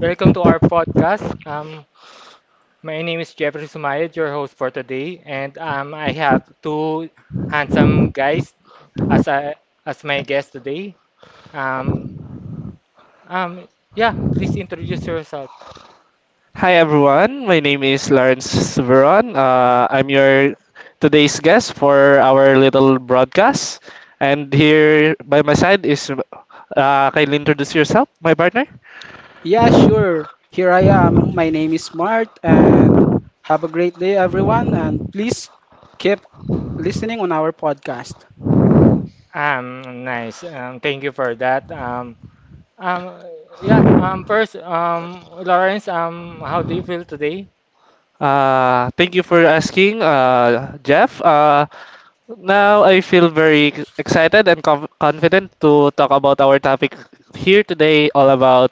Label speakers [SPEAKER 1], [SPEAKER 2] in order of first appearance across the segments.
[SPEAKER 1] welcome to our podcast. My name is Jeffrey Sumayed, your host for today, and I have two handsome guys as I, as my guest today. Um, um, yeah, please introduce yourself.
[SPEAKER 2] Hi everyone, my name is Lawrence Severon. I'm your today's guest for our little broadcast. And here by my side is, can you introduce yourself, my partner?
[SPEAKER 3] Yeah, sure. Here I am. My name is Mart, and have a great day, everyone. And please keep listening on our podcast.
[SPEAKER 1] Nice. Thank you for that. Um, yeah. First, Lawrence, how do you feel today?
[SPEAKER 2] Thank you for asking, Jeff. Now I feel very excited and confident to talk about our topic here today, all about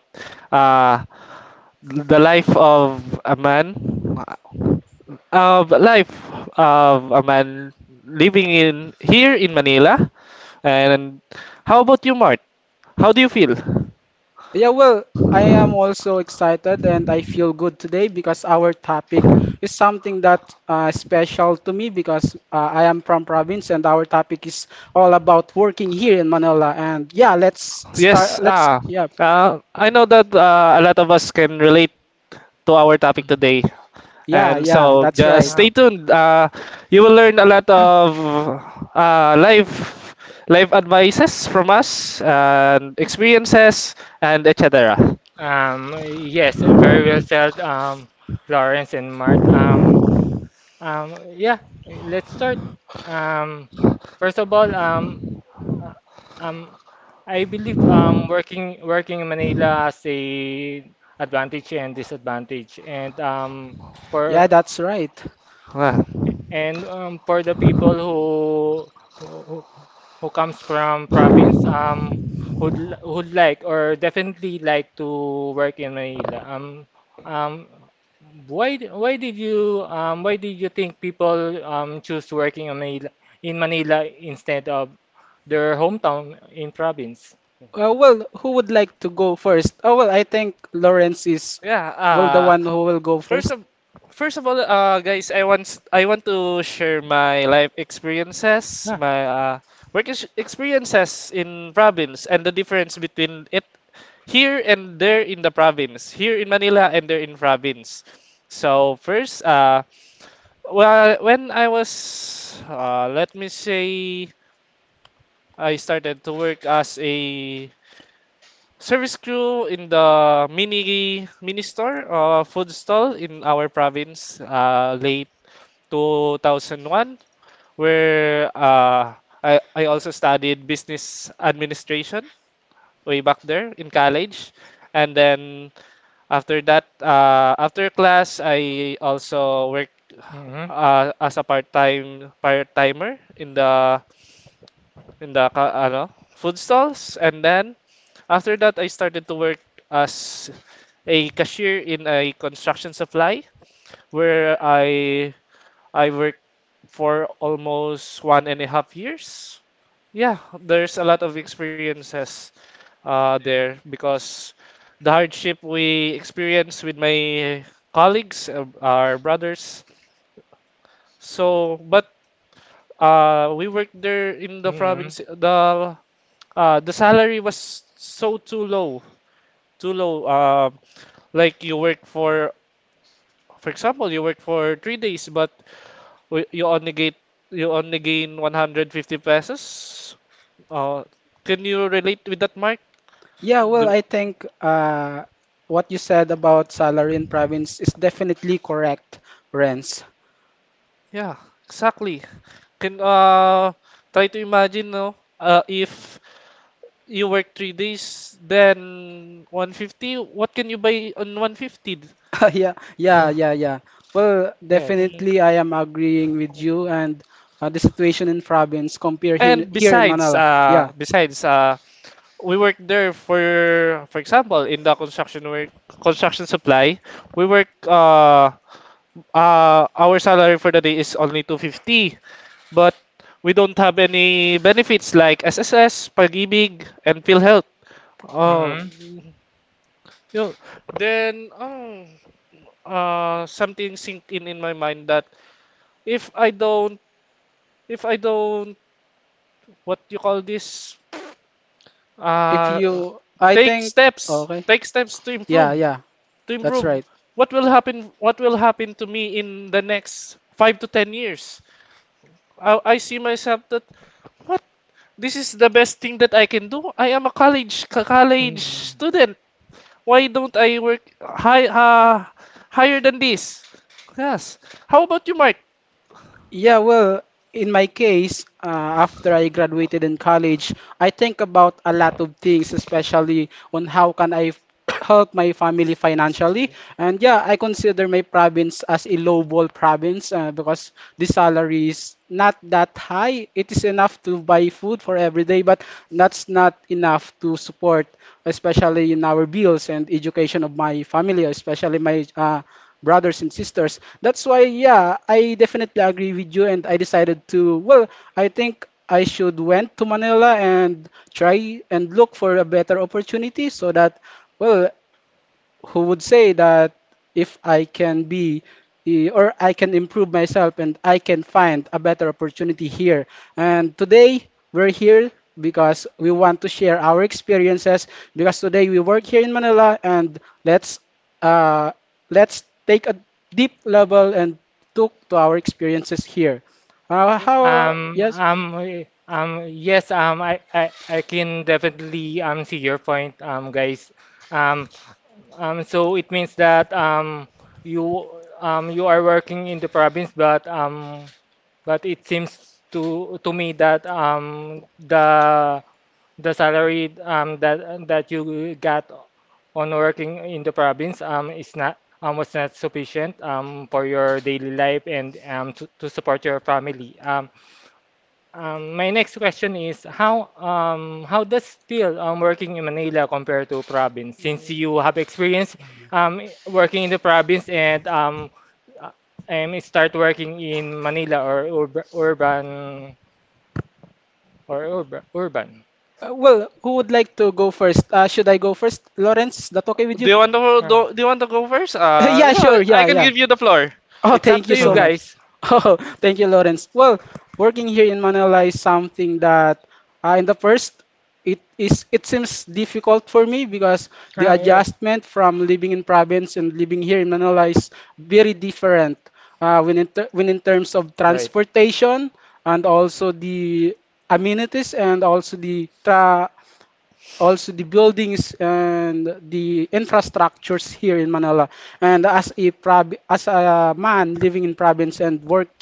[SPEAKER 2] uh, the life of a man. of life of a man Living in here in Manila. And how about you, Mart? How do you feel?
[SPEAKER 3] Yeah, well, I am also excited and I feel good today because our topic is something that special to me because I am from province and our topic is all about working here in Manila. And yeah, let's
[SPEAKER 2] Yes,
[SPEAKER 3] start. Let's yeah,
[SPEAKER 2] I know that a lot of us can relate to our topic
[SPEAKER 1] Mm.
[SPEAKER 2] today.
[SPEAKER 3] yeah,
[SPEAKER 2] And
[SPEAKER 3] yeah,
[SPEAKER 2] so
[SPEAKER 3] That's
[SPEAKER 2] just
[SPEAKER 3] right.
[SPEAKER 2] stay
[SPEAKER 1] Um,
[SPEAKER 2] tuned. You will learn a lot of uh, life life advices from us and experiences and etc.
[SPEAKER 1] Yes, very well said, Lawrence and Mart. Yeah, let's start. Um, first of all, um, I believe working in Manila has a advantage and disadvantage, and um,
[SPEAKER 3] Yeah,
[SPEAKER 1] for
[SPEAKER 3] that's right.
[SPEAKER 2] Ah,
[SPEAKER 1] and for the people who, who comes from province, who'd like or definitely like to work in Manila. Um, why did you think people choose working in Manila instead of their hometown in province?
[SPEAKER 3] Well, who would like to go first? Oh, well, I think Lawrence is well the
[SPEAKER 2] Yeah,
[SPEAKER 3] one who will go
[SPEAKER 2] First
[SPEAKER 3] first.
[SPEAKER 2] of first of all, guys, I want to share my life experiences,
[SPEAKER 1] Ah.
[SPEAKER 2] my experiences in province, and the difference between it here and there in the province, here in Manila and there in province. So first, well, let me say, I started to work as a service crew in the mini store, food stall in our province, late 2001, where I also studied business administration way back there in college. And then after that, after class I also worked
[SPEAKER 1] Mhm.
[SPEAKER 2] as a part-timer in the, food stalls. And then after that, I started to work as a cashier in a construction supply where I worked for almost 1.5 years. Yeah, there's a lot of experiences there because the hardship we experience with my colleagues, our brothers. So, but we worked there in the province. The salary was so too low, too low. Like you work for example, you work for 3 days, but w- you only get you only gain 150 pesos. Uh, can you relate with that, Mark?
[SPEAKER 3] Yeah,
[SPEAKER 2] The,
[SPEAKER 3] well, I think what you said about salary in province is definitely correct, Renz.
[SPEAKER 2] yeah, exactly. Can try to imagine, no? If you work 3 days, then 150. What can you buy on 150?
[SPEAKER 3] Yeah. Well,
[SPEAKER 1] Yes.
[SPEAKER 2] Mhm.
[SPEAKER 3] definitely I am agreeing with you and the situation in province compare here,
[SPEAKER 2] And
[SPEAKER 3] here in
[SPEAKER 2] besides,
[SPEAKER 3] Manila. Yeah,
[SPEAKER 2] we for example, in the construction work, construction supply, we work our salary for the day is only 250, but we don't have any benefits like SSS, Pag-ibig, and PhilHealth. Oh,
[SPEAKER 1] Mm-hmm.
[SPEAKER 2] you know, then something sink in my mind that if I don't, if I don't, what you call this,
[SPEAKER 3] if
[SPEAKER 2] uh,
[SPEAKER 3] you, I think, okay.
[SPEAKER 2] take steps to
[SPEAKER 3] Yeah,
[SPEAKER 2] improve,
[SPEAKER 3] yeah,
[SPEAKER 2] to
[SPEAKER 3] that's
[SPEAKER 2] improve.
[SPEAKER 3] right.
[SPEAKER 2] What will happen? What will happen to me in the next 5 to 10 years? I see myself that what this is the best thing that I can do. I am a college
[SPEAKER 1] Mm.
[SPEAKER 2] student. Why don't I work higher than this? Yes. How about you, Mark?
[SPEAKER 3] Yeah, well, in my case, after I graduated in college, I think about a lot of things, especially on how can help my family financially. And yeah, I consider my province as a lowball province because the salary is not that high. It is enough to buy food for every day, but that's not enough to support, especially in our bills and education of my family, especially my brothers and sisters. That's why, yeah, I definitely agree with you. And I decided to, well, I think I should went to Manila and try and look for a better opportunity so that, well, who would say that if I can be eh, or I can improve myself and I can find a better opportunity here. And today we're here because we want to share our experiences because today we work here in Manila and uh, let's take a deep level and look to our experiences here. How yes?
[SPEAKER 1] Yes, um, I can definitely see your point, guys. Um, so it means that you you are working in the province, but but it seems to me that the salary that you got on working in the province is not was not sufficient for your daily life and to support your family. My next question is how does still working in Manila compare to province? Since you have experience working in the province and uh, start working in Manila or urban.
[SPEAKER 3] Well, who would like to go first? Should I go first, Lawrence? Is that okay with you?
[SPEAKER 1] Um,
[SPEAKER 2] Do you want to go first?
[SPEAKER 3] Yeah,
[SPEAKER 2] Yeah,
[SPEAKER 3] sure.
[SPEAKER 2] I
[SPEAKER 3] Yeah,
[SPEAKER 2] can
[SPEAKER 3] yeah.
[SPEAKER 2] give you the floor.
[SPEAKER 3] Oh,
[SPEAKER 1] it's up
[SPEAKER 3] thank
[SPEAKER 1] to
[SPEAKER 3] you
[SPEAKER 1] you
[SPEAKER 3] so much.
[SPEAKER 1] guys.
[SPEAKER 3] Oh, thank you, Lawrence. Well, working here in Manila is something that in the first it seems difficult for me because the
[SPEAKER 1] Ah, yes.
[SPEAKER 3] adjustment from living in province and living here in Manila is very different. When in terms of
[SPEAKER 1] Right.
[SPEAKER 3] transportation and also the amenities and also the tra also the buildings and the infrastructures here in Manila. And as as a man living in province and work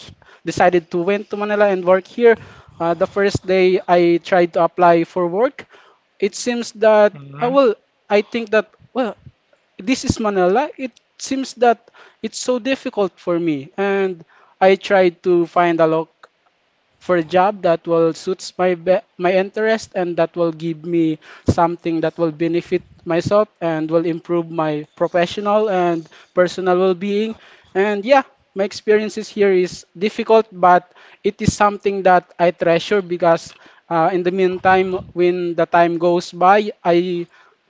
[SPEAKER 3] decided to went to Manila and work here, the first day I tried to apply for work, it seems that
[SPEAKER 1] Hmm.
[SPEAKER 3] well I think that well this is Manila. It seems that it's so difficult for me, and I tried to find a loc for a job that will suits my interest and that will give me something that will benefit myself and will improve my professional and personal well-being, and yeah, my experiences here is difficult, but it is something that I treasure because in the meantime, when the time goes by, i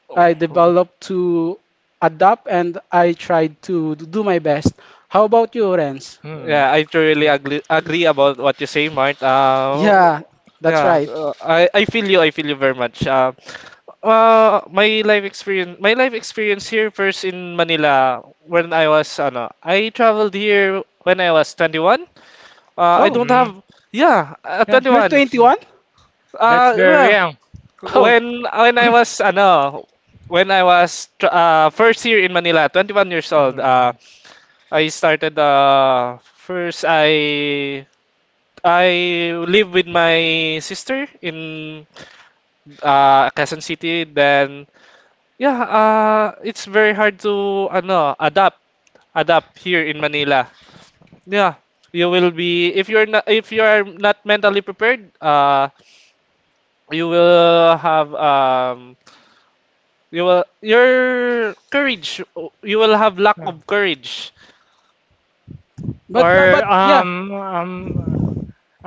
[SPEAKER 2] Oh.
[SPEAKER 3] i develop to adapt and I tried to do my best. How about you, Renz?
[SPEAKER 1] Hmm.
[SPEAKER 2] Yeah, I truly
[SPEAKER 1] Yeah.
[SPEAKER 2] agree about what you say, Mart.
[SPEAKER 3] Yeah, that's
[SPEAKER 2] Yeah,
[SPEAKER 3] right.
[SPEAKER 2] I feel you. I feel you very much. My life experience here first in Manila, when I was, ano, I traveled here when I was 21. I
[SPEAKER 3] Oh,
[SPEAKER 2] don't
[SPEAKER 1] Hmm.
[SPEAKER 2] have, yeah,
[SPEAKER 1] Yeah.
[SPEAKER 3] you're
[SPEAKER 2] 21.
[SPEAKER 1] Yeah.
[SPEAKER 3] 21?
[SPEAKER 1] That's very
[SPEAKER 2] Yeah.
[SPEAKER 1] young.
[SPEAKER 3] Oh,
[SPEAKER 2] When I was, first year in Manila, 21 years old.
[SPEAKER 1] Mm.
[SPEAKER 2] I started, first I live with my sister in, Quezon City. Then, yeah, it's very hard to ano adapt here in Manila. Yeah, you will be if you are not mentally prepared. You will have um, your courage. You will have lack
[SPEAKER 1] Yeah.
[SPEAKER 2] of courage.
[SPEAKER 1] Or
[SPEAKER 3] but yeah.
[SPEAKER 1] um um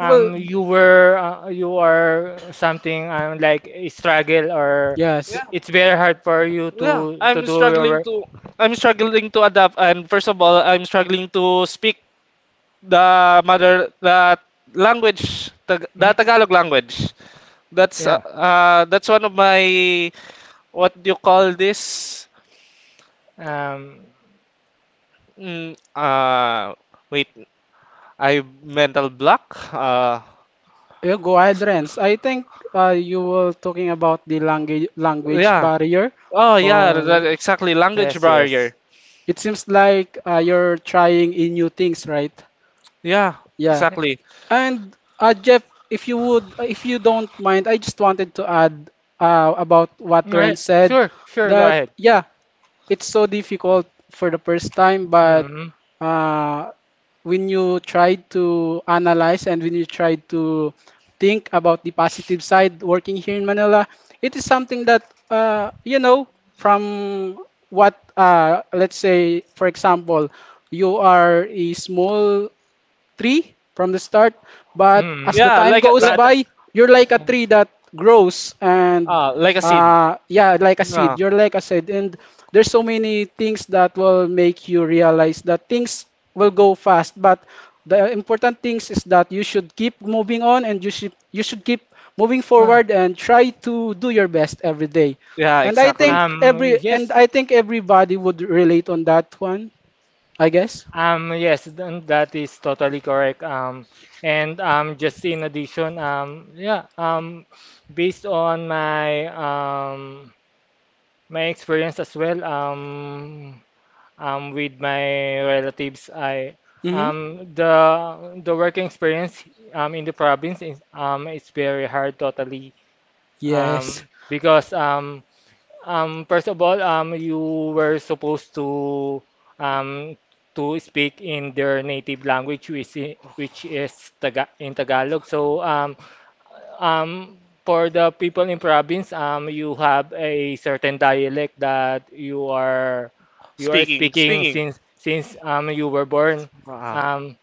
[SPEAKER 3] Well,
[SPEAKER 1] you were you are something like a struggle or
[SPEAKER 2] Yeah,
[SPEAKER 3] yes.
[SPEAKER 1] it's very hard for you
[SPEAKER 2] yeah.
[SPEAKER 1] to to do your work.
[SPEAKER 2] I'm struggling to adapt, and first of all, I'm struggling to speak the mother the language Tag-
[SPEAKER 1] Mm.
[SPEAKER 2] the Tagalog language. that's uh,
[SPEAKER 1] Yeah.
[SPEAKER 2] uh, that's one of my, what do you call this,
[SPEAKER 1] Um.
[SPEAKER 2] mm, uh wait, I mental block.
[SPEAKER 3] Yeah, go ahead, Renz. I think you were talking about the language
[SPEAKER 2] Yeah.
[SPEAKER 3] barrier,
[SPEAKER 2] Oh yeah,
[SPEAKER 3] or
[SPEAKER 2] that, exactly, language
[SPEAKER 1] Yes. Yes.
[SPEAKER 2] barrier.
[SPEAKER 3] it seems like you're trying in new things, right?
[SPEAKER 2] Yeah,
[SPEAKER 3] Yeah.
[SPEAKER 1] Yeah.
[SPEAKER 2] exactly.
[SPEAKER 3] And Jeff, if you would, if you don't mind, I just wanted to add about what Ren
[SPEAKER 1] Alright,
[SPEAKER 3] said,
[SPEAKER 1] sure. Sure. Go
[SPEAKER 3] that
[SPEAKER 1] ahead.
[SPEAKER 3] yeah, it's so difficult for the first time, but
[SPEAKER 1] Mm-hmm.
[SPEAKER 3] uh, when you try to analyze and when you try to think about the positive side working here in Manila, it is something that, you know, from what, let's say, for example, you are a small tree from the start, but as
[SPEAKER 1] Mm.
[SPEAKER 3] the
[SPEAKER 2] Yeah,
[SPEAKER 3] time
[SPEAKER 2] like
[SPEAKER 3] goes
[SPEAKER 1] But
[SPEAKER 3] by, you're like a
[SPEAKER 1] mm,
[SPEAKER 3] tree that grows and
[SPEAKER 2] like a seed.
[SPEAKER 1] yeah.
[SPEAKER 3] yeah, like a
[SPEAKER 2] Yeah,
[SPEAKER 3] seed. You're like a seed, and there's so many things that will make you realize that things will go fast, but the important things is that you should keep moving on, and you should keep moving
[SPEAKER 1] Uh,
[SPEAKER 3] forward and try to do your best every day.
[SPEAKER 2] yeah,
[SPEAKER 3] And
[SPEAKER 2] exactly.
[SPEAKER 1] Yes,
[SPEAKER 3] I think everybody would relate on that one, I guess.
[SPEAKER 1] yes, then that is totally correct. And just in addition, based on my my experience as well, with my relatives, I
[SPEAKER 3] Mhm.
[SPEAKER 1] um, the the working experience in the province is it's very hard totally
[SPEAKER 3] Yes.
[SPEAKER 1] because first of all, you were supposed um, to speak in their native language, which is Tagalog. So, um, for the people in province, you have a certain dialect that you are
[SPEAKER 2] speaking
[SPEAKER 1] speaking
[SPEAKER 2] speaking
[SPEAKER 1] since you were born.
[SPEAKER 2] Ah.
[SPEAKER 1] Um,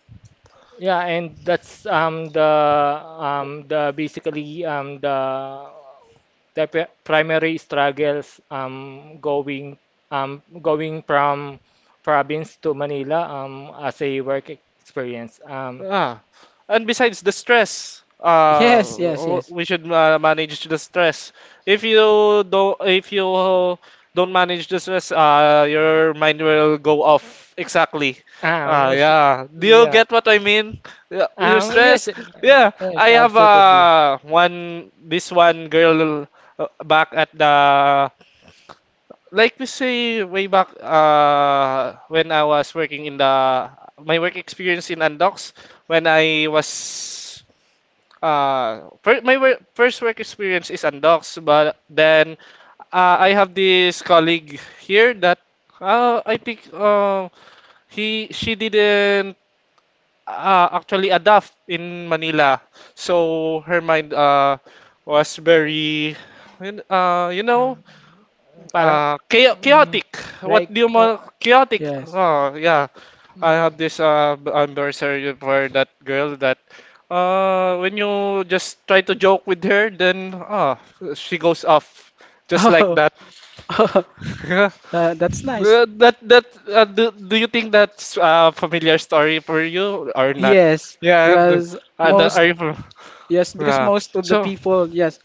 [SPEAKER 1] yeah, and that's the basically the primary struggles going going from province to Manila as a work experience.
[SPEAKER 2] Ah, and besides the stress,
[SPEAKER 3] Yes, yes, yes.
[SPEAKER 2] we should manage the stress. If you if you don't manage the stress, your mind will go off. Exactly.
[SPEAKER 1] Um, sh-
[SPEAKER 2] Yeah. Do you
[SPEAKER 1] yeah.
[SPEAKER 2] get what I mean? Yeah, your
[SPEAKER 1] Yes,
[SPEAKER 2] stress. Yeah,
[SPEAKER 1] yes,
[SPEAKER 2] I have
[SPEAKER 1] absolutely.
[SPEAKER 2] one this one girl, back at the, like we say, way back, when I was working in the, my work experience in Undocs. When I was, first work experience is Undocs, but then I have this colleague here that, I think, he she didn't actually adapt
[SPEAKER 1] in
[SPEAKER 2] in
[SPEAKER 1] my,
[SPEAKER 2] Manila, so her mind was
[SPEAKER 1] it
[SPEAKER 2] very, uh, you know
[SPEAKER 1] Um, parang, mm,
[SPEAKER 2] chaotic, what
[SPEAKER 1] like,
[SPEAKER 2] do you, more chaotic,
[SPEAKER 3] Yes.
[SPEAKER 2] oh yeah.
[SPEAKER 1] mm,
[SPEAKER 2] I have this, anniversary for that girl,
[SPEAKER 1] mine
[SPEAKER 2] that, when you just try to joke with her, then she goes off just like
[SPEAKER 3] Oh,
[SPEAKER 2] that.
[SPEAKER 3] that's nice.
[SPEAKER 2] That, do you think that's a familiar story for you or not?
[SPEAKER 3] Yes,
[SPEAKER 2] Yeah,
[SPEAKER 3] because most
[SPEAKER 1] mm,
[SPEAKER 2] are you
[SPEAKER 3] yes, because
[SPEAKER 2] yeah,
[SPEAKER 3] most of the
[SPEAKER 2] so
[SPEAKER 3] people, yes,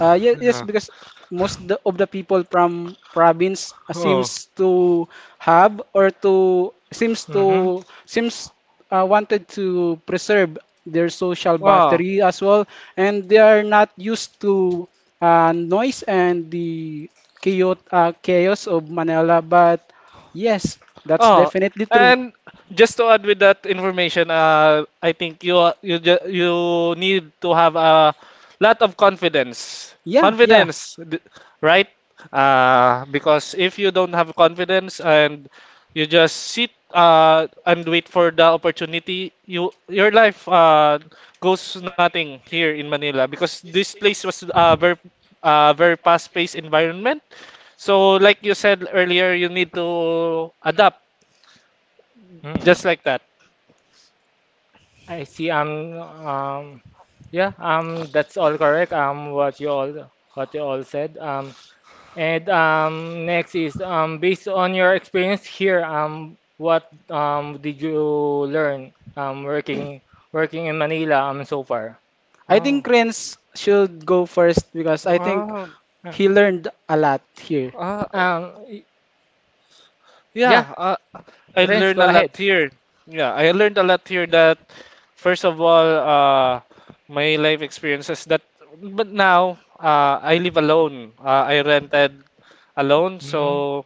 [SPEAKER 3] yes,
[SPEAKER 2] yeah.
[SPEAKER 3] because most of the people from province
[SPEAKER 2] Oh,
[SPEAKER 3] seems to have or
[SPEAKER 1] mm
[SPEAKER 3] to seems wanted to preserve their social
[SPEAKER 2] wow.
[SPEAKER 3] battery as well, and they are not used to noise and the chaos of Manila, but yes, that's
[SPEAKER 2] Oh,
[SPEAKER 3] definitely true.
[SPEAKER 2] and just to add with that information, I think you are- you ju- you need to have a lot of confidence.
[SPEAKER 3] Yeah.
[SPEAKER 2] Confidence, right? Because if you don't have confidence and you just sit, and wait for the opportunity, your life, goes nothing here in Manila because this place was a very, very fast-paced environment. So, like you said earlier, you need to adapt
[SPEAKER 1] mm.
[SPEAKER 2] just like that.
[SPEAKER 1] I see, yeah, that's all correct, what you all said, and next is based on your experience here, what did you learn working in Manila so far?
[SPEAKER 3] I think
[SPEAKER 2] Wow.
[SPEAKER 3] Renz should go first because I think
[SPEAKER 2] Wow.
[SPEAKER 1] Ah,
[SPEAKER 3] he learned a lot here.
[SPEAKER 2] Ah,
[SPEAKER 1] Um, y- yeah,
[SPEAKER 2] yeah, I
[SPEAKER 1] Renz,
[SPEAKER 2] learned a
[SPEAKER 1] go
[SPEAKER 2] lot
[SPEAKER 1] ahead.
[SPEAKER 2] here. Yeah, I learned a lot here that first of all, my life experiences that, but now I live alone. I rented alone, so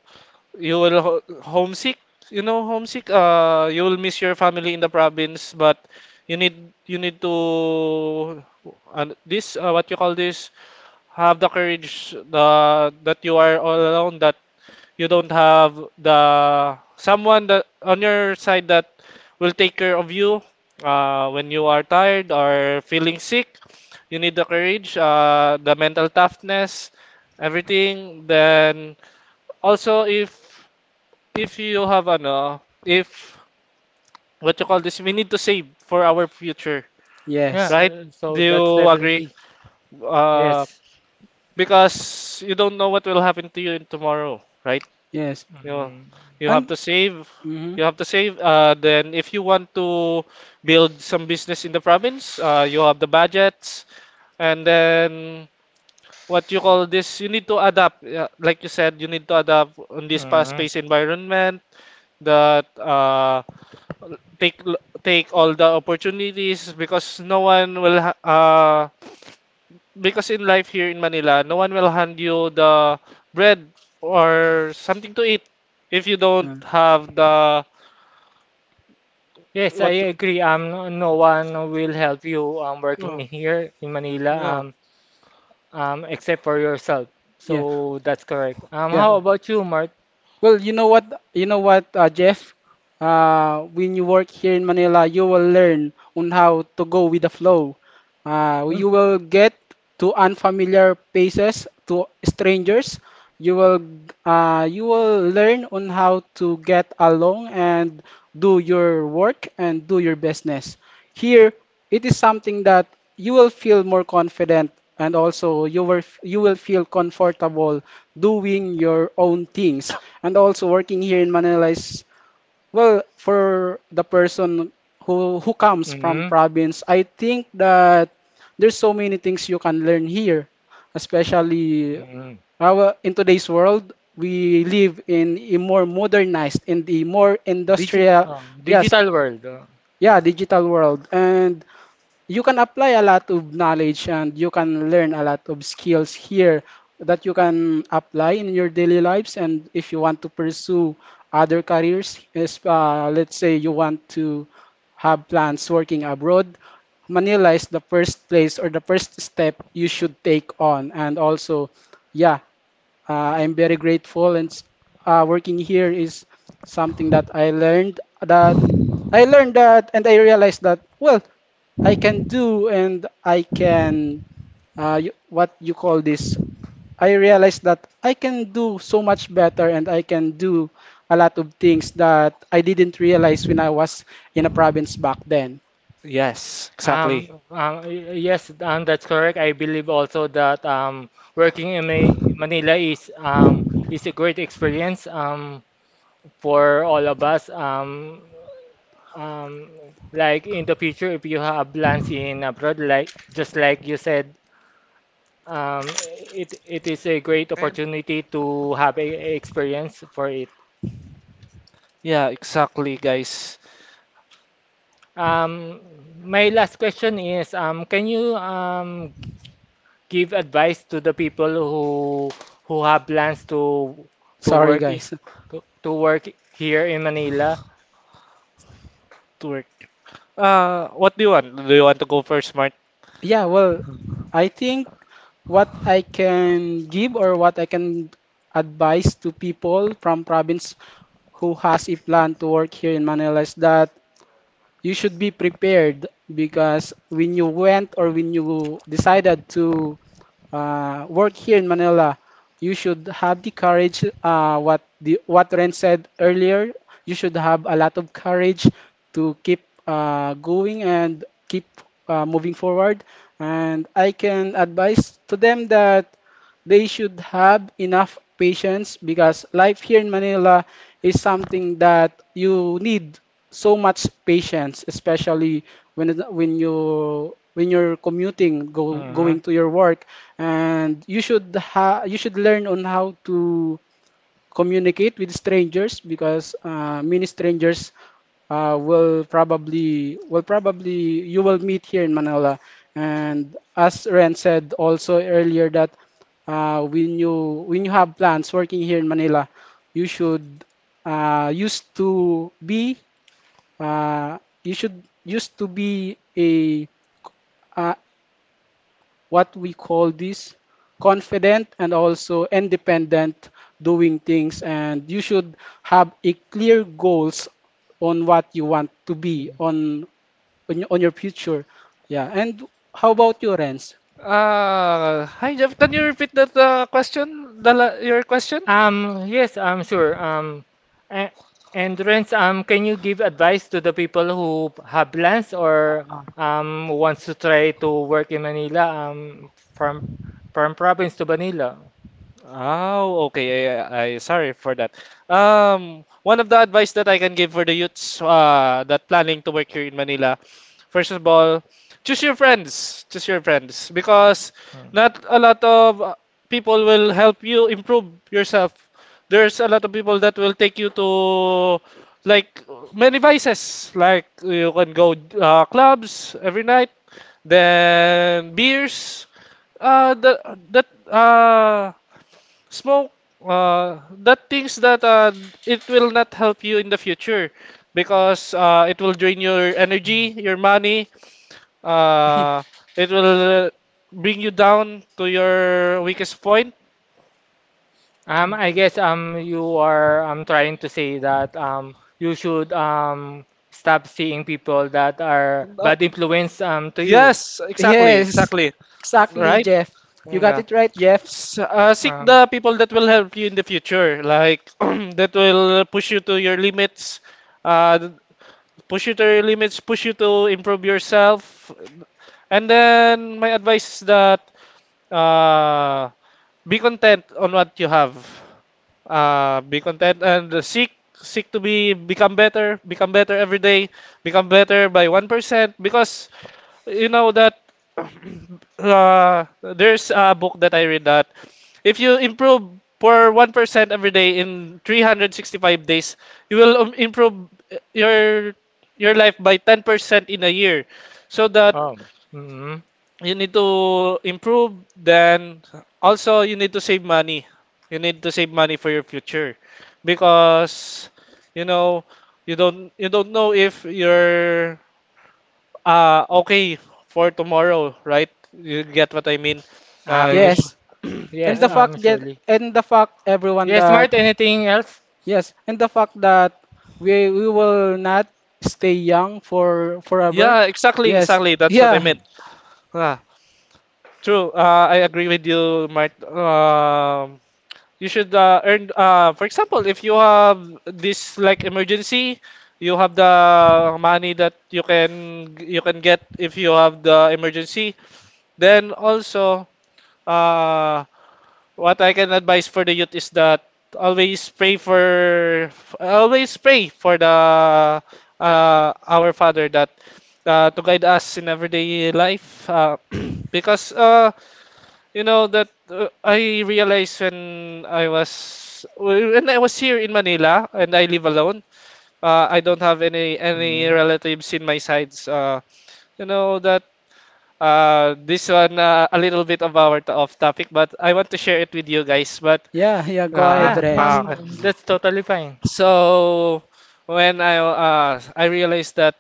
[SPEAKER 2] you will ho homesick. You know, homesick. You will miss your family in the province, but you need to, this what you call this, have the courage, that you are all alone, that you don't have the someone that on your side that will take care of you when you are tired or feeling sick. You need the courage, the mental toughness, everything. Then also if you have if what you call this, we need to save for our future,
[SPEAKER 3] Yes.
[SPEAKER 2] right? Do you agree? Uh,
[SPEAKER 1] Yes.
[SPEAKER 2] because you don't know what will happen to you in tomorrow, right?
[SPEAKER 3] Yes.
[SPEAKER 2] You know, you have
[SPEAKER 3] And
[SPEAKER 2] to save.
[SPEAKER 3] hmm,
[SPEAKER 2] You have to save. Then if you want to build some business in the province, you have the budgets, and then what you call this, you need to adapt. Yeah, like you said, you need to adapt on this
[SPEAKER 1] Mm.
[SPEAKER 2] fast-paced environment, that, take take all the opportunities because no one will ha- because in life here in Manila, no one will hand you the bread or something to eat if you don't have the
[SPEAKER 1] Yes, I
[SPEAKER 2] what you.
[SPEAKER 1] agree. No one will help you working
[SPEAKER 2] Oh,
[SPEAKER 1] here in Manila,
[SPEAKER 2] yeah.
[SPEAKER 1] except for yourself.
[SPEAKER 3] yeah.
[SPEAKER 1] So that's correct.
[SPEAKER 3] Yeah.
[SPEAKER 1] How
[SPEAKER 2] Oh.
[SPEAKER 1] about you, Mark?
[SPEAKER 3] Well, you know what, Jeff. When you work here in Manila, you will learn on how to go with the flow. You
[SPEAKER 1] Mm,
[SPEAKER 3] will get to unfamiliar places, to strangers. You will, you will learn on how to get along and do your work and do your business. Here, it is something that you will feel more confident, and also you will feel comfortable doing your own things. And also, working here in Manila is well for the person who comes from
[SPEAKER 1] mm,
[SPEAKER 3] province. I think that there's so many things you can learn here, especially
[SPEAKER 1] mm.
[SPEAKER 3] our in today's world. We live in a more modernized, in the more industrial, yes,
[SPEAKER 1] Digital world. Uh,
[SPEAKER 3] yeah, digital world. And you can apply a lot of knowledge and you can learn a lot of skills here that you can apply in your daily lives. And if you want to pursue other careers, is let's say you want to have plans working abroad, Manila is the first place or the first step you should take on. And also, yeah, I'm very grateful, and working here is something that I learned that, and I realized that well, I can do, and I can what you call this. I realized that I can do so much better, and I can do a lot of things that I didn't realize when I was in a province back then.
[SPEAKER 2] Yes, exactly.
[SPEAKER 1] Yes, that's correct. I believe also that working in Ma Manila is a great experience for all of us. Um, like in the future, if you have plans in abroad, like just like you said, um, it it is a great
[SPEAKER 2] And-
[SPEAKER 1] opportunity to have a experience for it.
[SPEAKER 2] Yeah, exactly, guys.
[SPEAKER 1] Um, my last question is, can you give advice to the people who have plans to to
[SPEAKER 3] Sorry,
[SPEAKER 1] work in,
[SPEAKER 3] guys.
[SPEAKER 1] to work here in Manila.
[SPEAKER 2] To work. What do you want? Do you want to go first, Mart?
[SPEAKER 3] Yeah, well, I think what I can give or what I can advise to people from province who has a plan to work here in Manila is that you should be prepared, because when you went or when you decided to work here in Manila, you should have the courage. What the what Ren said earlier, you should have a lot of courage to keep going and keep moving forward. And I can advise to them that they should have enough patience, because life here in Manila is something that you need so much patience, especially when you're commuting, go going
[SPEAKER 1] Hmm.
[SPEAKER 3] to your work, and you should learn on how to communicate with strangers, because many strangers uh, will probably you will meet here in Manila. And as Ren said also earlier that when you have plans working here in Manila, you should used to be uh, you should used to be a uh, what we call this, confident and also independent doing things. And you should have a clear goals on what you want to be on on your future. Yeah. And how about your Renz?
[SPEAKER 2] Hi Jeff, can you repeat that, question? Your question?
[SPEAKER 1] Yes, I'm sure. A- and Renz, can you give advice to the people who have plans or
[SPEAKER 2] Ờ.
[SPEAKER 1] wants to try to work in Manila, from from province to Manila?
[SPEAKER 2] Oh, okay. I sorry for that. One of the advice that I can give for the youths, that planning to work here in Manila, first of all, choose your friends. Choose your friends because not a lot of, people will help you improve yourself. There's a lot of people that will take you to, like, many vices. Like you can go, clubs every night, then beers. Uh, the, that uh smoke, that things that, it will not help you in the future because it will drain your energy, your money, uh it will bring you down to your weakest point.
[SPEAKER 1] I guess you are trying to say that you should stop seeing people that are
[SPEAKER 2] Uh,
[SPEAKER 1] bad influence to
[SPEAKER 2] yes,
[SPEAKER 3] Yes,
[SPEAKER 2] exactly,
[SPEAKER 1] exactly, see.
[SPEAKER 3] exactly,
[SPEAKER 1] Right?
[SPEAKER 2] right,
[SPEAKER 3] Jeff. You got
[SPEAKER 2] yeah.
[SPEAKER 3] it right, Jeff.
[SPEAKER 2] Seek the people that will help you in the future, like, that will push you to your limits, uh push you to improve yourself. And then my advice is that, uh, be content on what you have. Be content and seek to be become better every day, become better by 1% because you know that, there's a book that I read that if you improve for 1% every day in 365 days, you will, improve, your life by 10% in a year. So that
[SPEAKER 1] Mm-hmm.
[SPEAKER 2] you need to improve, then also you need to save money. You need to save money for your future because, you know, you don't know if your, okay, for tomorrow, right? You get what I mean? You sh
[SPEAKER 1] Um.
[SPEAKER 3] Yes. And
[SPEAKER 1] Yes.
[SPEAKER 2] and
[SPEAKER 1] Surely.
[SPEAKER 3] the fact, everyone,
[SPEAKER 1] Yes,
[SPEAKER 3] that
[SPEAKER 1] Mart. Anything else?
[SPEAKER 3] yes, and the fact that we will not stay young for forever.
[SPEAKER 2] yeah,
[SPEAKER 3] Yes.
[SPEAKER 2] exactly. That's what I
[SPEAKER 3] Yeah.
[SPEAKER 2] meant. Ah, True. I agree with you, Mart. You should, earn. For example, if you have this like emergency, you have the money that you can get if you have the emergency. Then also, uh, what I can advise for the youth is that always pray for always pray for the our Father that to guide us in everyday life because you know that I realized when I was here in Manila and I live alone, I don't have any relatives in my sides, you know that this one, a little bit of off topic, but I want to share it with you guys. But
[SPEAKER 3] Yeah, yeah, go
[SPEAKER 2] Ah,
[SPEAKER 3] ahead,
[SPEAKER 1] Yeah,
[SPEAKER 3] Renz.
[SPEAKER 2] uh,
[SPEAKER 1] that's totally fine.
[SPEAKER 2] so when I realized that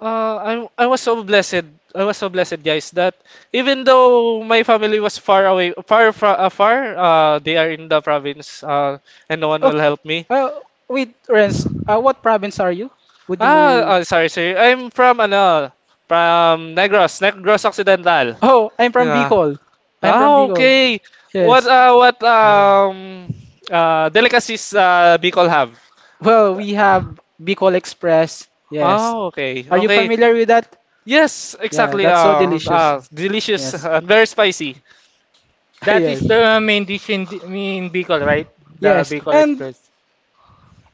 [SPEAKER 2] I was so blessed, guys that even though my family was far away, far, they are in the province, and no one
[SPEAKER 3] Oh,
[SPEAKER 2] will help me.
[SPEAKER 3] uh, wait, Renz, what province are you? Would you mind?
[SPEAKER 2] Sorry, I'm from ano from Negros Occidental.
[SPEAKER 3] Oh, I'm from
[SPEAKER 2] Yeah.
[SPEAKER 3] Bicol. I'm from
[SPEAKER 2] Ah,
[SPEAKER 3] Bicol.
[SPEAKER 2] okay. what
[SPEAKER 3] Yes.
[SPEAKER 2] uh what
[SPEAKER 1] Mm.
[SPEAKER 2] um uh delicacies Bicol have?
[SPEAKER 3] Well, we have Bicol Express. Yes.
[SPEAKER 2] Oh, okay.
[SPEAKER 3] Are you
[SPEAKER 2] Okay.
[SPEAKER 3] familiar with that?
[SPEAKER 2] Yes,
[SPEAKER 3] Yeah,
[SPEAKER 2] exactly.
[SPEAKER 3] that's so delicious.
[SPEAKER 2] Delicious
[SPEAKER 3] Yes.
[SPEAKER 2] and very spicy.
[SPEAKER 1] That is
[SPEAKER 3] Yes.
[SPEAKER 1] the main dish in Bicol, right? The
[SPEAKER 3] Yes.
[SPEAKER 1] Bicol
[SPEAKER 3] And
[SPEAKER 1] Express.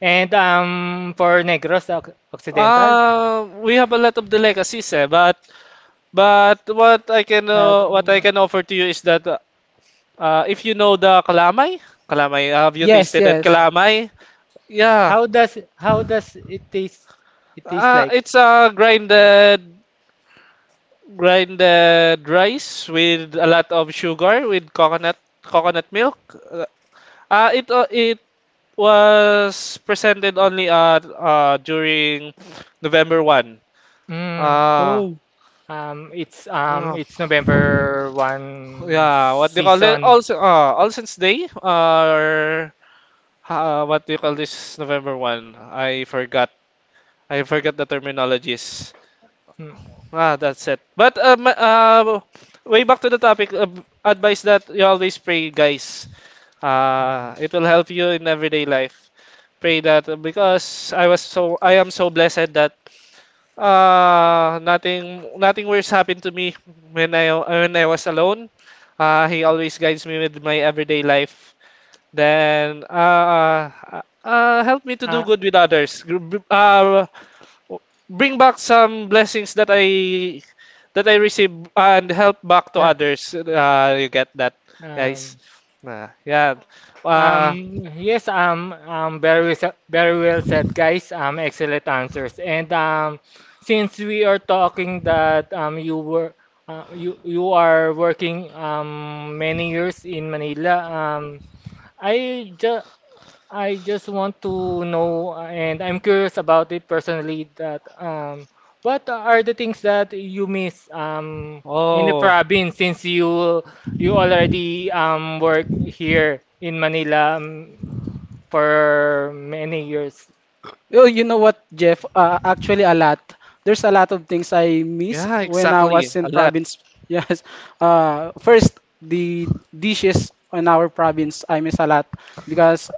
[SPEAKER 1] And for Negros, Oc- Occidental.
[SPEAKER 2] We have a lot of delicacies, eh, but
[SPEAKER 1] Uh,
[SPEAKER 2] what I
[SPEAKER 1] uh,
[SPEAKER 2] can offer to you is that, if you know the calamay, calamay, have you
[SPEAKER 3] yes,
[SPEAKER 2] tasted that
[SPEAKER 3] yes.
[SPEAKER 2] calamay? Yeah.
[SPEAKER 1] how does it taste? It tastes like.
[SPEAKER 2] It's grinded rice with a lot of sugar with coconut milk. It was presented only during November 1.
[SPEAKER 1] Mm.
[SPEAKER 2] Uh,
[SPEAKER 3] Oh.
[SPEAKER 2] uh,
[SPEAKER 1] It's November one
[SPEAKER 2] yeah, what do you call it?
[SPEAKER 1] season.
[SPEAKER 2] Also, All Saints Day or what do you call this? November 1? I forgot. I forgot the terminologies.
[SPEAKER 1] Hmm.
[SPEAKER 2] Ah, that's it. But Way back to the topic, advice that you always pray, guys.
[SPEAKER 1] Mm.
[SPEAKER 2] It will help you in everyday life. Pray that. Because I was so I am so blessed that nothing worse happened to me when I was alone. He always guides me with my everyday life. Then uh, Help me to do
[SPEAKER 1] Uh,
[SPEAKER 2] good with others. Bring back some blessings that I receive and help back to
[SPEAKER 1] yeah.
[SPEAKER 2] others. You get that, guys?
[SPEAKER 1] Um,
[SPEAKER 2] Yeah. Uh,
[SPEAKER 1] Yes, very, very well said, guys. Excellent answers. And since we are talking that you were you you are working many years in Manila, I just I just want to know, and I'm curious about it personally, that what are the things that you miss in the
[SPEAKER 2] oh.
[SPEAKER 1] province since you already work here in Manila for many years?
[SPEAKER 3] Oh, you know what, Jeff? Actually, a lot. There's a lot of things I miss
[SPEAKER 2] Yeah,
[SPEAKER 3] when I
[SPEAKER 2] exactly.
[SPEAKER 3] was
[SPEAKER 2] A
[SPEAKER 3] in
[SPEAKER 2] lot.
[SPEAKER 3] province. Yes. First, the dishes in our province I miss a lot, because,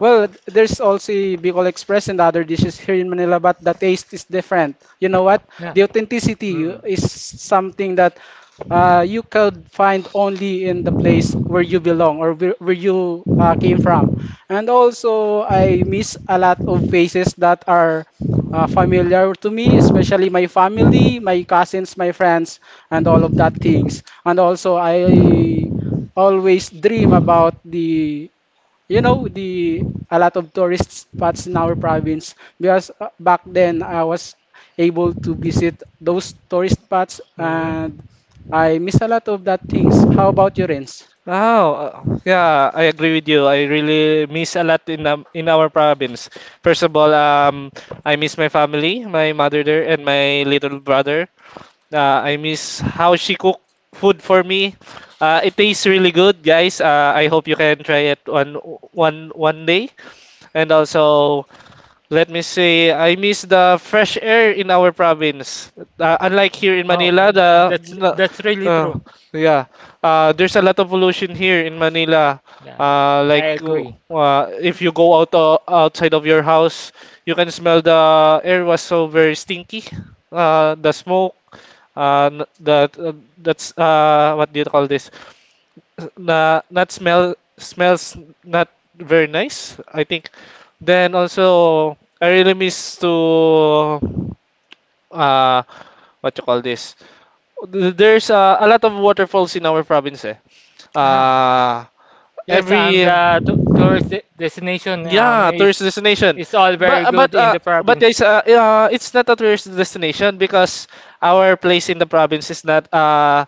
[SPEAKER 3] well, there's also Bicol Express and other dishes here in Manila, but the taste is different. You know what?
[SPEAKER 1] Yeah.
[SPEAKER 3] The authenticity
[SPEAKER 1] Mm,
[SPEAKER 3] is something that you could find only in the place where you belong or where you came from. And also, I miss a lot of faces that are familiar to me, especially my family, my cousins, my friends, and all of that things. And also, I always dream about the you know the a lot of tourist spots in our province, because back then I was able to visit those tourist spots,
[SPEAKER 1] mm.
[SPEAKER 3] and I miss a lot of that things. How about your ends?
[SPEAKER 2] Oh, yeah, I agree with you. I really miss a lot in our province. First of all, I miss my family, my mother there, and my little brother. I miss how she cook food for me. It tastes really good, guys. I hope you can try it one day. And also, let me say, I miss the fresh air in our province. Unlike here in
[SPEAKER 1] Oh,
[SPEAKER 2] Manila,
[SPEAKER 1] that's really
[SPEAKER 2] uh,
[SPEAKER 1] true.
[SPEAKER 2] yeah, there's a lot of pollution here in Manila.
[SPEAKER 1] Yeah, I
[SPEAKER 2] Like,
[SPEAKER 1] agree.
[SPEAKER 2] if you go out outside of your house, you can smell the air was so very stinky. The smoke. That's, what do you call this? Na Not smell, smells not very nice, I think. Then also I really miss to, uh what you call this? There's, a lot of waterfalls in our province, eh.
[SPEAKER 1] Ah,
[SPEAKER 2] uh
[SPEAKER 1] yes,
[SPEAKER 2] every
[SPEAKER 1] the tourist destination
[SPEAKER 2] Yeah, tourist
[SPEAKER 1] is
[SPEAKER 2] destination.
[SPEAKER 1] it's all
[SPEAKER 2] but
[SPEAKER 1] very
[SPEAKER 2] but
[SPEAKER 1] good in
[SPEAKER 2] uh
[SPEAKER 1] the
[SPEAKER 2] but
[SPEAKER 1] province.
[SPEAKER 2] it's not a tourist destination because our place in the province is not,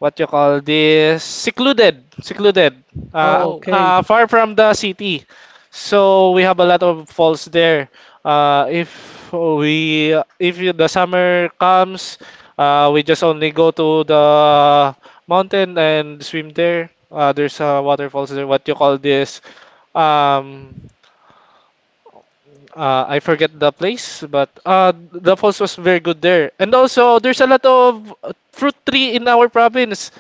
[SPEAKER 2] what you call this, secluded,
[SPEAKER 1] Oh,
[SPEAKER 3] Okay.
[SPEAKER 2] far from the city. So we have a lot of falls there. If we if the summer comes, we just only go to the mountain and swim there. There's, waterfalls there. What you call this? Um, I forget the place, but the falls was very good there. And also, there's a lot of, fruit tree in our province.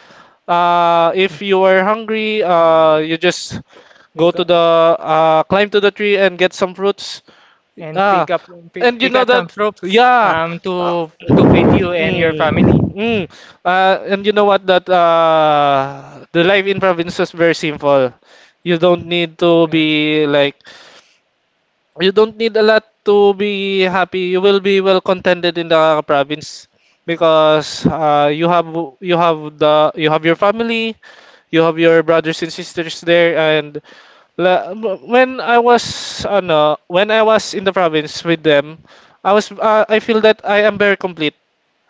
[SPEAKER 2] If you are hungry, you just
[SPEAKER 1] you
[SPEAKER 2] go to
[SPEAKER 1] can
[SPEAKER 2] the, climb to the tree and get some fruits.
[SPEAKER 1] and
[SPEAKER 2] Ah,
[SPEAKER 1] pick up
[SPEAKER 2] and you
[SPEAKER 1] pick
[SPEAKER 2] know
[SPEAKER 1] up
[SPEAKER 2] that,
[SPEAKER 1] some fruits
[SPEAKER 2] yeah. Uh,
[SPEAKER 1] to feed you and your
[SPEAKER 2] mm,
[SPEAKER 1] family.
[SPEAKER 2] mm. And you know what? That The life in province is very simple. You don't need to
[SPEAKER 1] Yeah.
[SPEAKER 2] be like you don't need a lot to be happy. You will be well contented in the province because, you have the you have your family, you have your brothers and sisters there, and la- when I was when I was in the province with them, I feel that I am very complete.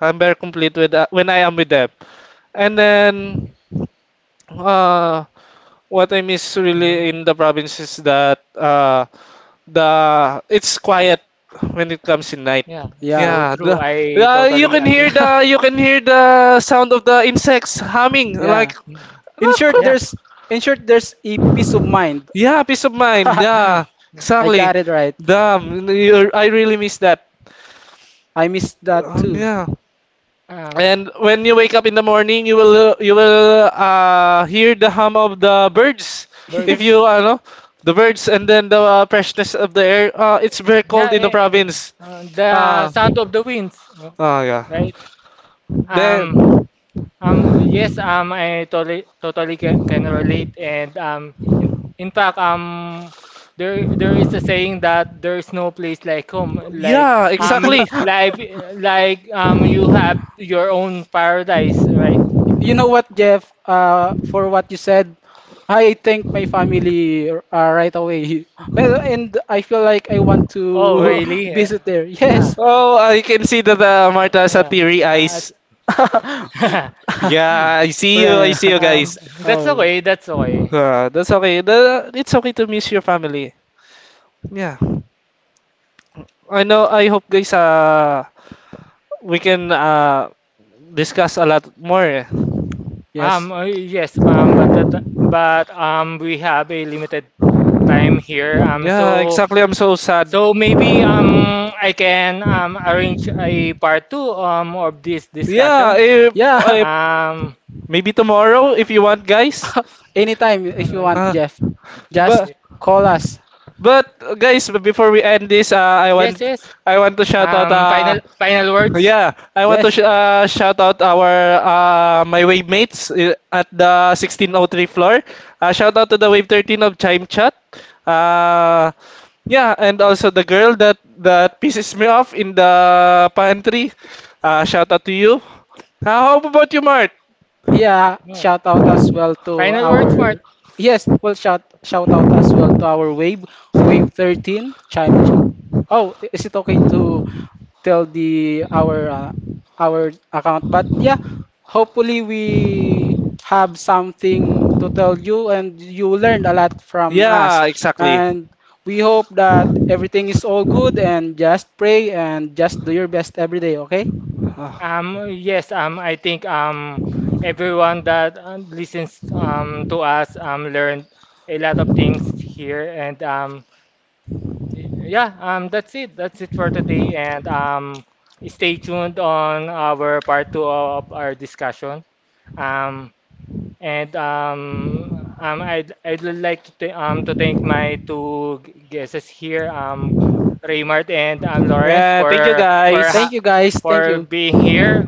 [SPEAKER 2] I'm very complete with when I am with them, and then, uh what I miss really
[SPEAKER 1] Mm.
[SPEAKER 2] in the province is that, the it's quiet when it comes in night.
[SPEAKER 1] Yeah, so
[SPEAKER 3] Yeah.
[SPEAKER 1] yeah,
[SPEAKER 2] Yeah,
[SPEAKER 1] true. I
[SPEAKER 2] you
[SPEAKER 1] totally
[SPEAKER 2] can hear
[SPEAKER 1] agree.
[SPEAKER 2] the you can hear the sound of the insects humming, like.
[SPEAKER 3] Yeah.
[SPEAKER 1] Mm.
[SPEAKER 3] In short,
[SPEAKER 1] Yeah.
[SPEAKER 3] there's in short, there's a peace of mind.
[SPEAKER 2] Yeah, peace of mind. Yeah,
[SPEAKER 1] Yeah.
[SPEAKER 3] I
[SPEAKER 2] exactly.
[SPEAKER 3] got it right.
[SPEAKER 2] Damn, you're, I really miss that.
[SPEAKER 3] I miss that too.
[SPEAKER 2] Yeah.
[SPEAKER 1] Um,
[SPEAKER 2] And when you wake up in the morning, you will, hear the hum of the birds. If
[SPEAKER 1] birds.
[SPEAKER 2] you, know the birds, and then the, freshness of the air. It's very
[SPEAKER 1] Yeah,
[SPEAKER 2] cold in the
[SPEAKER 1] eh, the eh,
[SPEAKER 2] province.
[SPEAKER 1] the
[SPEAKER 2] Uh,
[SPEAKER 1] sound of the winds,
[SPEAKER 2] oh yeah.
[SPEAKER 1] right? Um,
[SPEAKER 2] Then
[SPEAKER 1] Yes, I totally totally can relate, and in fact, there there is a saying that there is no place like home, like
[SPEAKER 2] yeah,
[SPEAKER 3] Yeah.
[SPEAKER 2] exactly.
[SPEAKER 3] Yeah.
[SPEAKER 1] like you have your own paradise, right?
[SPEAKER 3] You know what, Jeff? For what you said, I thank my family right away. And I feel like I want
[SPEAKER 1] Oh,
[SPEAKER 3] to
[SPEAKER 2] Oh,
[SPEAKER 1] really?
[SPEAKER 3] visit there. Yes.
[SPEAKER 1] Ah,
[SPEAKER 2] oh, I can see that, Martha has a
[SPEAKER 1] yeah.
[SPEAKER 2] teary
[SPEAKER 1] Ah, as-
[SPEAKER 2] eyes. Yeah, I see you. I
[SPEAKER 3] Right.
[SPEAKER 2] see you
[SPEAKER 1] And
[SPEAKER 2] guys.
[SPEAKER 1] that's
[SPEAKER 3] Oh,
[SPEAKER 1] okay, that's okay.
[SPEAKER 2] That's okay. It's okay to miss your family. Yeah. I know. I hope, guys, we can, discuss a lot more, eh.
[SPEAKER 3] yes.
[SPEAKER 1] Yes, ma'am, but we have a limited time here.
[SPEAKER 2] Yeah,
[SPEAKER 1] So
[SPEAKER 2] exactly. I'm so sad.
[SPEAKER 1] so maybe I can arrange a part two of this
[SPEAKER 2] Yeah,
[SPEAKER 1] discussion.
[SPEAKER 3] Yeah.
[SPEAKER 2] if
[SPEAKER 1] Um,
[SPEAKER 2] maybe tomorrow if you want, guys.
[SPEAKER 3] Anytime if you
[SPEAKER 1] um
[SPEAKER 3] want,
[SPEAKER 2] Uh,
[SPEAKER 3] Jeff.
[SPEAKER 2] but
[SPEAKER 3] Just
[SPEAKER 1] y-
[SPEAKER 3] call us.
[SPEAKER 2] but, guys, before we end this, I
[SPEAKER 1] yes
[SPEAKER 2] want
[SPEAKER 1] yes.
[SPEAKER 2] to shout out.
[SPEAKER 1] Um, final words.
[SPEAKER 2] Yeah, I want to
[SPEAKER 3] Yes.
[SPEAKER 2] sh shout out our, my wave mates, at the 1603 floor. Shout out to the wave 13 of Chime Chat. Uh, yeah, and also the girl that pisses me off in the pantry. Shout out to you. How about you, Mart?
[SPEAKER 3] Yeah,
[SPEAKER 1] No.
[SPEAKER 3] shout out as well to
[SPEAKER 1] Final words, Mark.
[SPEAKER 3] our yes, well shout out as well to our wave 13 chime. Ch Oh, is it okay to tell the our account? But yeah, hopefully we have something to tell you and you learned a lot from us.
[SPEAKER 2] Yeah, exactly.
[SPEAKER 3] And we hope that everything is all good, and just pray and just do your best every day, okay?
[SPEAKER 1] Yes, I think everyone that listens to us learned a lot of things here. And yeah,
[SPEAKER 2] Ah,
[SPEAKER 1] that's it. That's it for today. And stay tuned on our part two of our discussion. Um, and I'd like to, th to thank my two guests here, Raymart and Lawrence,
[SPEAKER 2] Yeah, thank you
[SPEAKER 3] Thank
[SPEAKER 2] guys.
[SPEAKER 3] you, guys. Thank
[SPEAKER 1] for
[SPEAKER 3] you.
[SPEAKER 1] being here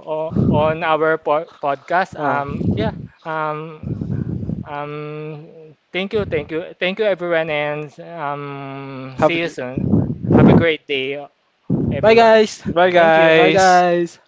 [SPEAKER 1] on our podcast.
[SPEAKER 2] Ah.
[SPEAKER 1] Yeah. um, um, thank you, thank you, thank you, everyone, and
[SPEAKER 2] Have
[SPEAKER 1] see
[SPEAKER 2] a
[SPEAKER 1] you
[SPEAKER 2] good.
[SPEAKER 1] soon. Have a great day,
[SPEAKER 3] Bye,
[SPEAKER 1] everyone.
[SPEAKER 3] guys.
[SPEAKER 2] Bye,
[SPEAKER 1] Thank you.
[SPEAKER 3] Bye,
[SPEAKER 2] guys.
[SPEAKER 3] guys.